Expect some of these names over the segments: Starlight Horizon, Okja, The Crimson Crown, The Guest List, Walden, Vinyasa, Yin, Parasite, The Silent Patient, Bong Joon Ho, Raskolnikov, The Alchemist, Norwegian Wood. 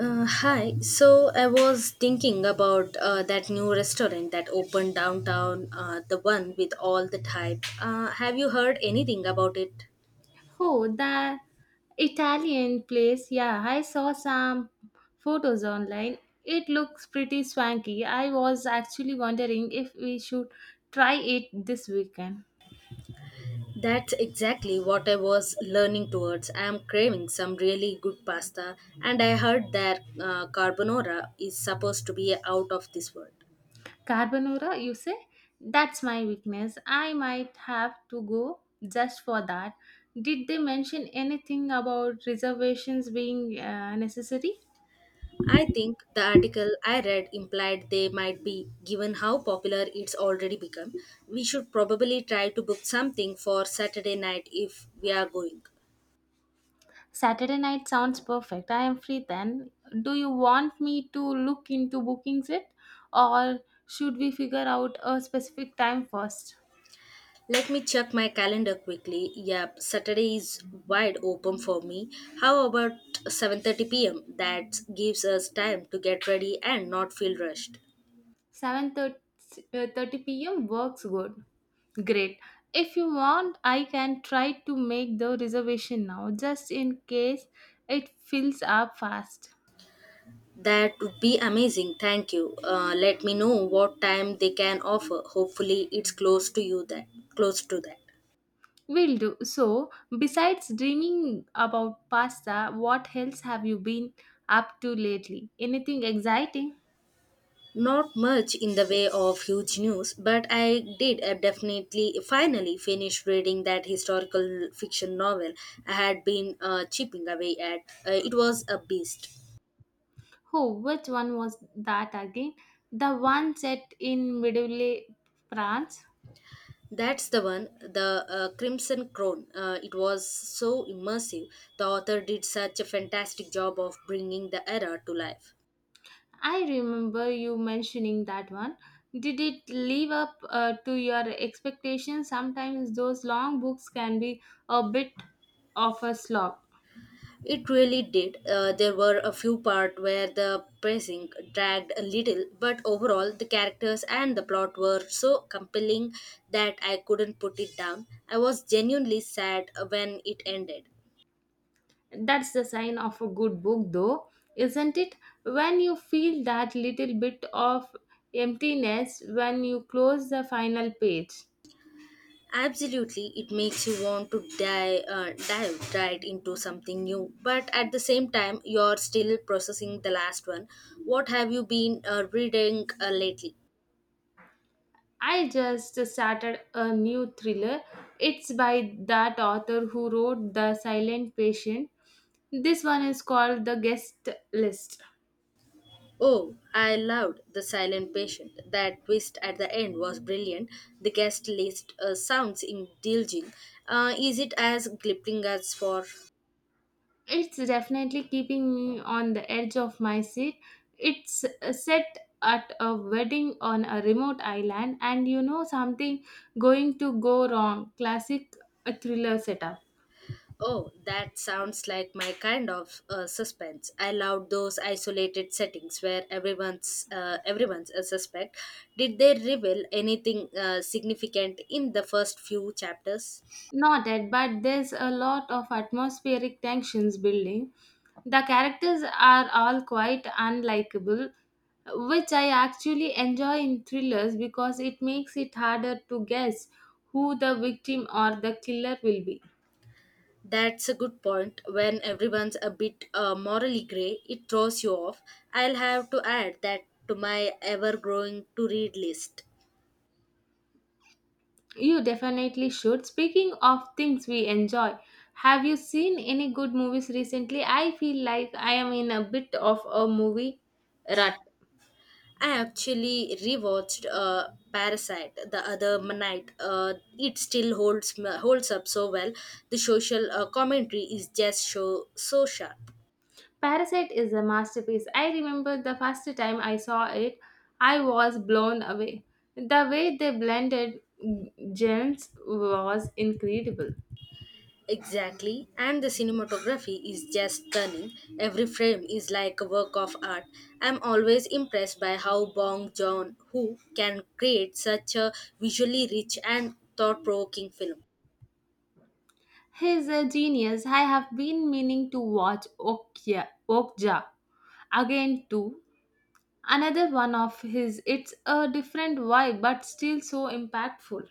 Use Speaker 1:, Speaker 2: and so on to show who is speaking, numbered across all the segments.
Speaker 1: Hi. So I was thinking about that new restaurant that opened downtown, the one with all the type. Have you heard anything about it?
Speaker 2: Oh, that Italian place. Yeah, I saw some photos online. It looks pretty swanky. I was actually wondering if we should try it this weekend.
Speaker 1: That's exactly what I was learning towards. I am craving some really good pasta, and I heard that carbonara is supposed to be out of this world.
Speaker 2: Carbonara, you say? That's my weakness. I might have to go just for that. Did they mention anything about reservations being necessary?
Speaker 1: I think the article I read implied they might be, given how popular it's already become. We should probably try to book something for Saturday night if we are going.
Speaker 2: Saturday night sounds perfect. I am free then. Do you want me to look into booking it or should we figure out a specific time first?
Speaker 1: Let me check my calendar quickly. Yep, Saturday is wide open for me. How about 7:30 p.m.? That gives us time to get ready and not feel rushed.
Speaker 2: 7:30 p.m. works good. Great. If you want, I can try to make the reservation now just in case it fills up fast.
Speaker 1: That would be amazing. Thank you. Let me know what time they can offer. Hopefully, it's close to you that close to that.
Speaker 2: Will do. So, besides dreaming about pasta, what else have you been up to lately? Anything exciting?
Speaker 1: Not much in the way of huge news, but I did definitely finally finish reading that historical fiction novel I had been chipping away at. It was a beast.
Speaker 2: Oh, which one was that again? The one set in medieval France.
Speaker 1: That's the one, the Crimson Crown. It was so immersive. The author did such a fantastic job of bringing the era to life.
Speaker 2: I remember you mentioning that one. Did it live up to your expectations? Sometimes those long books can be a bit of a slog.
Speaker 1: It really did. There were a few parts where the pacing dragged a little, but overall, the characters and the plot were so compelling that I couldn't put it down. I was genuinely sad when it ended.
Speaker 2: That's the sign of a good book, though, isn't it? When you feel that little bit of emptiness when you close the final page.
Speaker 1: Absolutely, it makes you want to dive right into something new, but at the same time, you're still processing the last one. What have you been reading lately?
Speaker 2: I just started a new thriller. It's by that author who wrote The Silent Patient. This one is called The Guest List.
Speaker 1: Oh, I loved The Silent Patient. That twist at the end was brilliant. The guest list sounds indulging. Is it as gripping as for?
Speaker 2: It's definitely keeping me on the edge of my seat. It's set at a wedding on a remote island, and you know something going to go wrong. Classic thriller setup.
Speaker 1: Oh, that sounds like my kind of suspense. I loved those isolated settings where everyone's a suspect. Did they reveal anything significant in the first few chapters?
Speaker 2: Not yet, but there's a lot of atmospheric tensions building. The characters are all quite unlikable, which I actually enjoy in thrillers because it makes it harder to guess who the victim or the killer will be.
Speaker 1: That's a good point. When everyone's a bit morally grey, it throws you off. I'll have to add that to my ever growing to read list.
Speaker 2: You definitely should. Speaking of things we enjoy, have you seen any good movies recently? I feel like I am in a bit of a movie rut.
Speaker 1: I actually rewatched Parasite the other night. It still holds up so well. The social commentary is just so sharp.
Speaker 2: Parasite is a masterpiece. I remember the first time I saw it, I was blown away. The way they blended genres was incredible.
Speaker 1: Exactly, and the cinematography is just stunning. Every frame is like a work of art. I'm always impressed by how Bong Joon Ho can create such a visually rich and thought-provoking film.
Speaker 2: He's a genius. I have been meaning to watch Okja again too. Another one of his. It's a different vibe but still so impactful.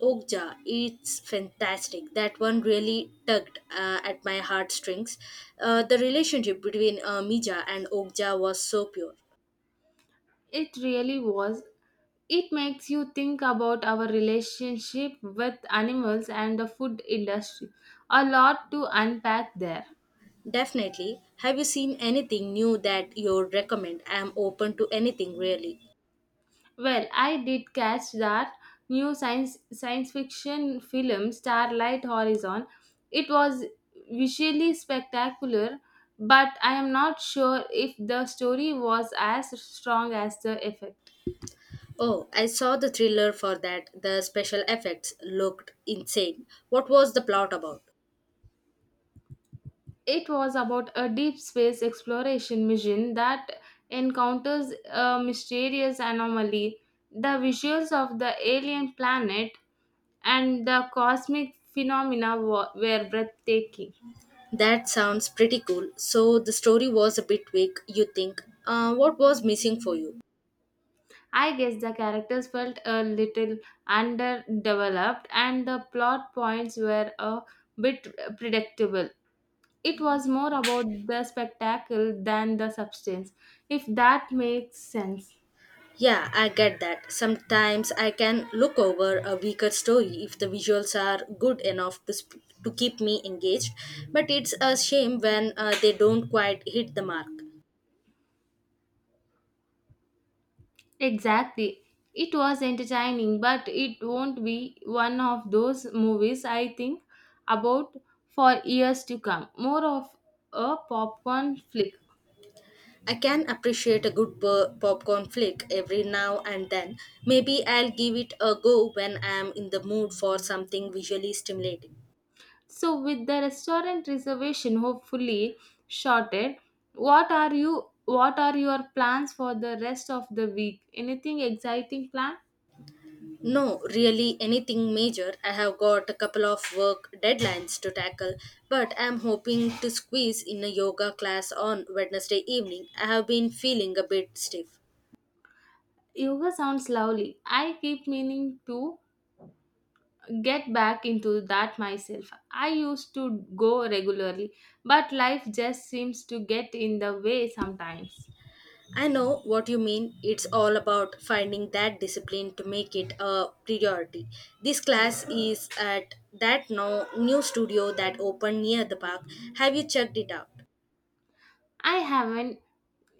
Speaker 1: Okja, it's fantastic. That one really tugged at my heartstrings. The relationship between Mija and Okja was so pure.
Speaker 2: It really was. It makes you think about our relationship with animals and the food industry. A lot to unpack there.
Speaker 1: Definitely. Have you seen anything new that you'd recommend? I'm open to anything really.
Speaker 2: Well, I did catch that new science fiction film Starlight Horizon. It was visually spectacular, but I am not sure if the story was as strong as the effect.
Speaker 1: Oh, I saw the thriller for that. The special effects looked insane. What was the plot about?
Speaker 2: It was about a deep space exploration mission that encounters a mysterious anomaly. The visuals of the alien planet and the cosmic phenomena were breathtaking.
Speaker 1: That sounds pretty cool. So the story was a bit weak, you think. What was missing for you?
Speaker 2: I guess the characters felt a little underdeveloped and the plot points were a bit predictable. It was more about the spectacle than the substance, if that makes sense.
Speaker 1: Yeah, I get that. Sometimes I can look over a weaker story if the visuals are good enough to keep me engaged, but it's a shame when they don't quite hit the mark.
Speaker 2: Exactly. It was entertaining, but it won't be one of those movies I think about for years to come. More of a popcorn flick.
Speaker 1: I can appreciate a good popcorn flick every now and then. Maybe I'll give it a go when I'm in the mood for something visually stimulating.
Speaker 2: So, with the restaurant reservation hopefully shorted, What are your plans for the rest of the week? Anything exciting planned?
Speaker 1: No, really anything major. I have got a couple of work deadlines to tackle, but I'm hoping to squeeze in a yoga class on Wednesday evening. I have been feeling a bit stiff.
Speaker 2: Yoga sounds lovely. I keep meaning to get back into that myself. I used to go regularly, but life just seems to get in the way sometimes.
Speaker 1: I know what you mean. It's all about finding that discipline to make it a priority. This class is at that no, new studio that opened near the park. Have you checked it out?
Speaker 2: I haven't.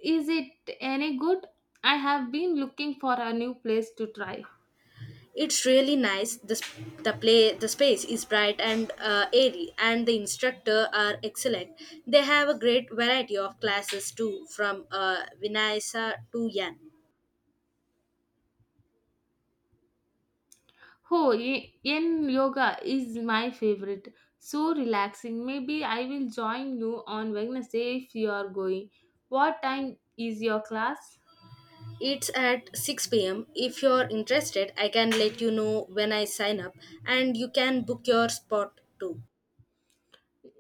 Speaker 2: Is it any good? I have been looking for a new place to try.
Speaker 1: It's really nice. The, sp- the play the space is bright and airy, and the instructor are excellent. They have a great variety of classes too, from Vinayasa to Yan.
Speaker 2: Oh, yin yoga is my favorite. So relaxing. Maybe I will join you on Wednesday if you are going. What time is your class?
Speaker 1: It's at 6 pm. If you're interested, I can let you know when I sign up and you can book your spot too.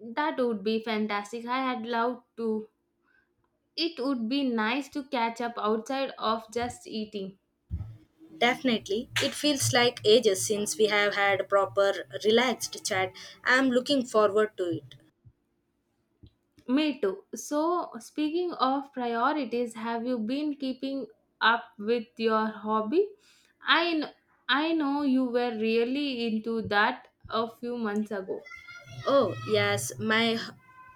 Speaker 2: That would be fantastic. I had loved to. It would be nice to catch up outside of just eating.
Speaker 1: Definitely. It feels like ages since we have had a proper, relaxed chat. I'm looking forward to it.
Speaker 2: Me too. So, speaking of priorities, have you been keeping up with your hobby? I, kn- I know you were really into that a few months ago.
Speaker 1: Oh, yes, my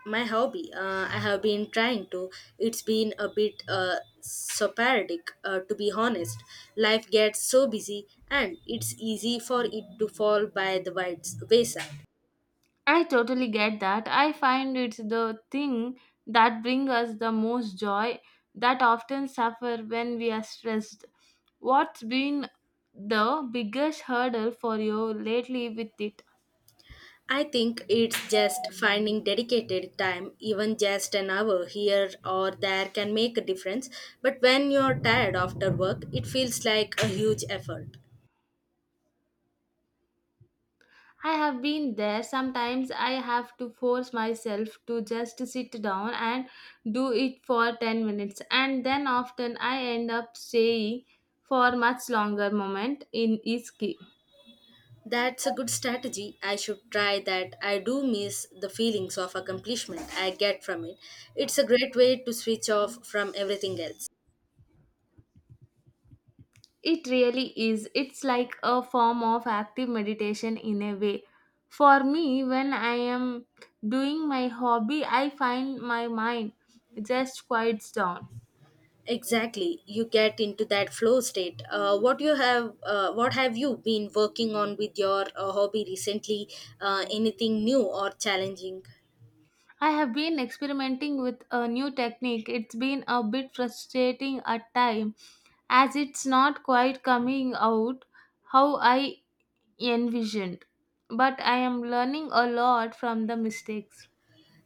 Speaker 1: my hobby. I have been trying to. It's been a bit sporadic, to be honest. Life gets so busy, and it's easy for it to fall by the wayside.
Speaker 2: I totally get that. I find it's the thing that brings us the most joy that often suffer when we are stressed. What's been the biggest hurdle for you lately with it?
Speaker 1: I think it's just finding dedicated time, even just an hour here or there can make a difference. But when you're tired after work, it feels like a huge effort.
Speaker 2: I have been there. Sometimes I have to force myself to just sit down and do it for 10 minutes, and then often I end up staying for much longer moment in each key.
Speaker 1: That's a good strategy. I should try that. I do miss the feelings of accomplishment I get from it. It's a great way to switch off from everything else.
Speaker 2: It really is. It's like a form of active meditation in a way. For me, when I am doing my hobby, I find my mind just quiets down.
Speaker 1: Exactly, you get into that flow state. What have you been working on with your hobby recently? Anything new or challenging?
Speaker 2: I have been experimenting with a new technique. It's been a bit frustrating at time as it's not quite coming out how I envisioned. But I am learning a lot from the mistakes.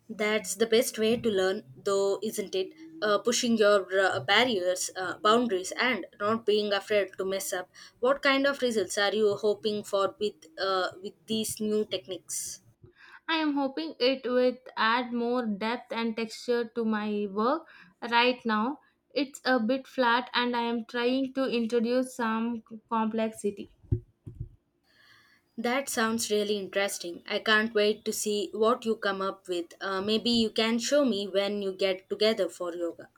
Speaker 1: That's the best way to learn, though, isn't it? Pushing your boundaries, and not being afraid to mess up. What kind of results are you hoping for with these new techniques?
Speaker 2: I am hoping it will add more depth and texture to my work. Right now, it's a bit flat and I am trying to introduce some complexity.
Speaker 1: That sounds really interesting. I can't wait to see what you come up with. Maybe you can show me when you get together for yoga.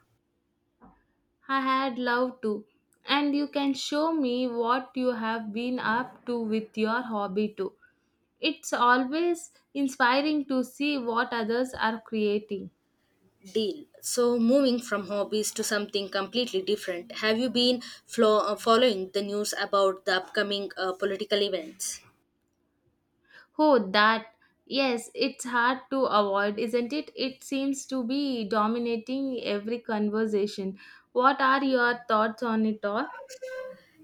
Speaker 2: I had loved to. And you can show me what you have been up to with your hobby too. It's always inspiring to see what others are creating.
Speaker 1: Deal. So, moving from hobbies to something completely different, have you been following the news about the upcoming political events?
Speaker 2: Oh, that. Yes, it's hard to avoid, isn't it? It seems to be dominating every conversation. What are your thoughts on it all?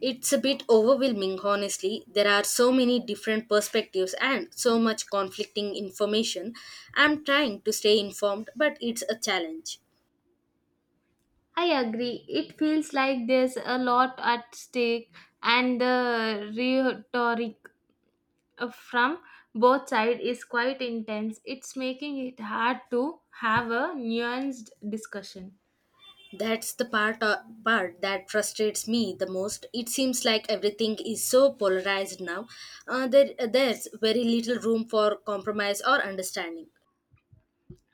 Speaker 1: It's a bit overwhelming, honestly. There are so many different perspectives and so much conflicting information. I'm trying to stay informed, but it's a challenge.
Speaker 2: I agree. It feels like there's a lot at stake and the rhetoric from both sides is quite intense. It's making it hard to have a nuanced discussion.
Speaker 1: That's the part that frustrates me the most. It seems like everything is so polarized now. There's very little room for compromise or understanding.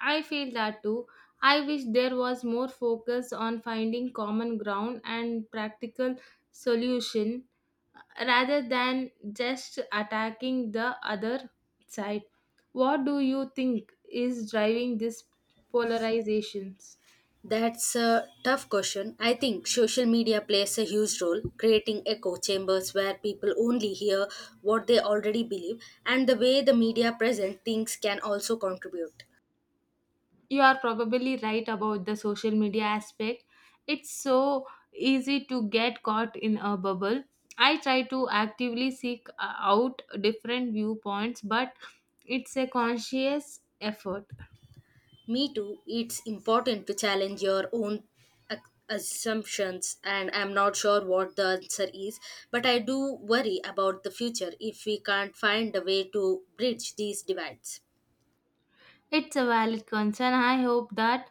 Speaker 2: I feel that too. I wish there was more focus on finding common ground and practical solution rather than just attacking the other side. What do you think is driving these polarizations?
Speaker 1: That's a tough question. I think social media plays a huge role, creating echo chambers where people only hear what they already believe, and the way the media present things can also contribute.
Speaker 2: You are probably right about the social media aspect. It's so easy to get caught in a bubble. I try to actively seek out different viewpoints, but it's a conscious effort.
Speaker 1: Me too, it's important to challenge your own ac- assumptions, and I'm not sure what the answer is, but I do worry about the future if we can't find a way to bridge these divides.
Speaker 2: It's a valid concern. I hope that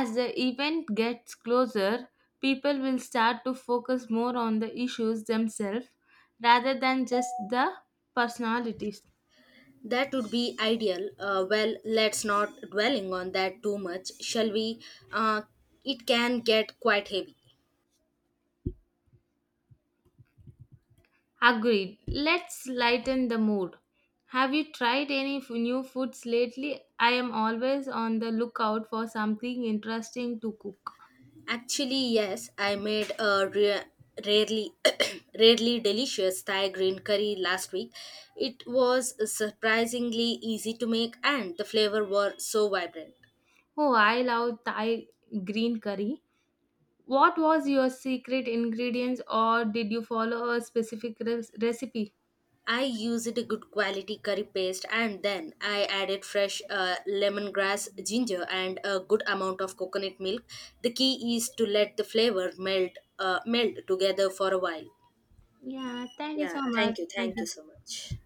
Speaker 2: as the event gets closer, people will start to focus more on the issues themselves rather than just the personalities.
Speaker 1: That would be ideal. Well, let's not dwelling on that too much, shall we? Uh, it can get quite heavy.
Speaker 2: Agreed. Let's lighten the mood. Have you tried any new foods lately? I am always on the lookout for something interesting to cook.
Speaker 1: Actually, yes, I made a rarely rarely delicious Thai green curry last week. It was surprisingly easy to make and the flavor were so vibrant.
Speaker 2: Oh, I love Thai green curry. What was your secret ingredients or did you follow a specific recipe?
Speaker 1: I used a good quality curry paste and then I added fresh lemongrass, ginger and a good amount of coconut milk. The key is to let the flavor melt together for a while.
Speaker 2: Yeah, thank you
Speaker 1: Yeah,
Speaker 2: so much.
Speaker 1: thank you.
Speaker 2: Thank
Speaker 1: Thank you
Speaker 2: you.
Speaker 1: so much.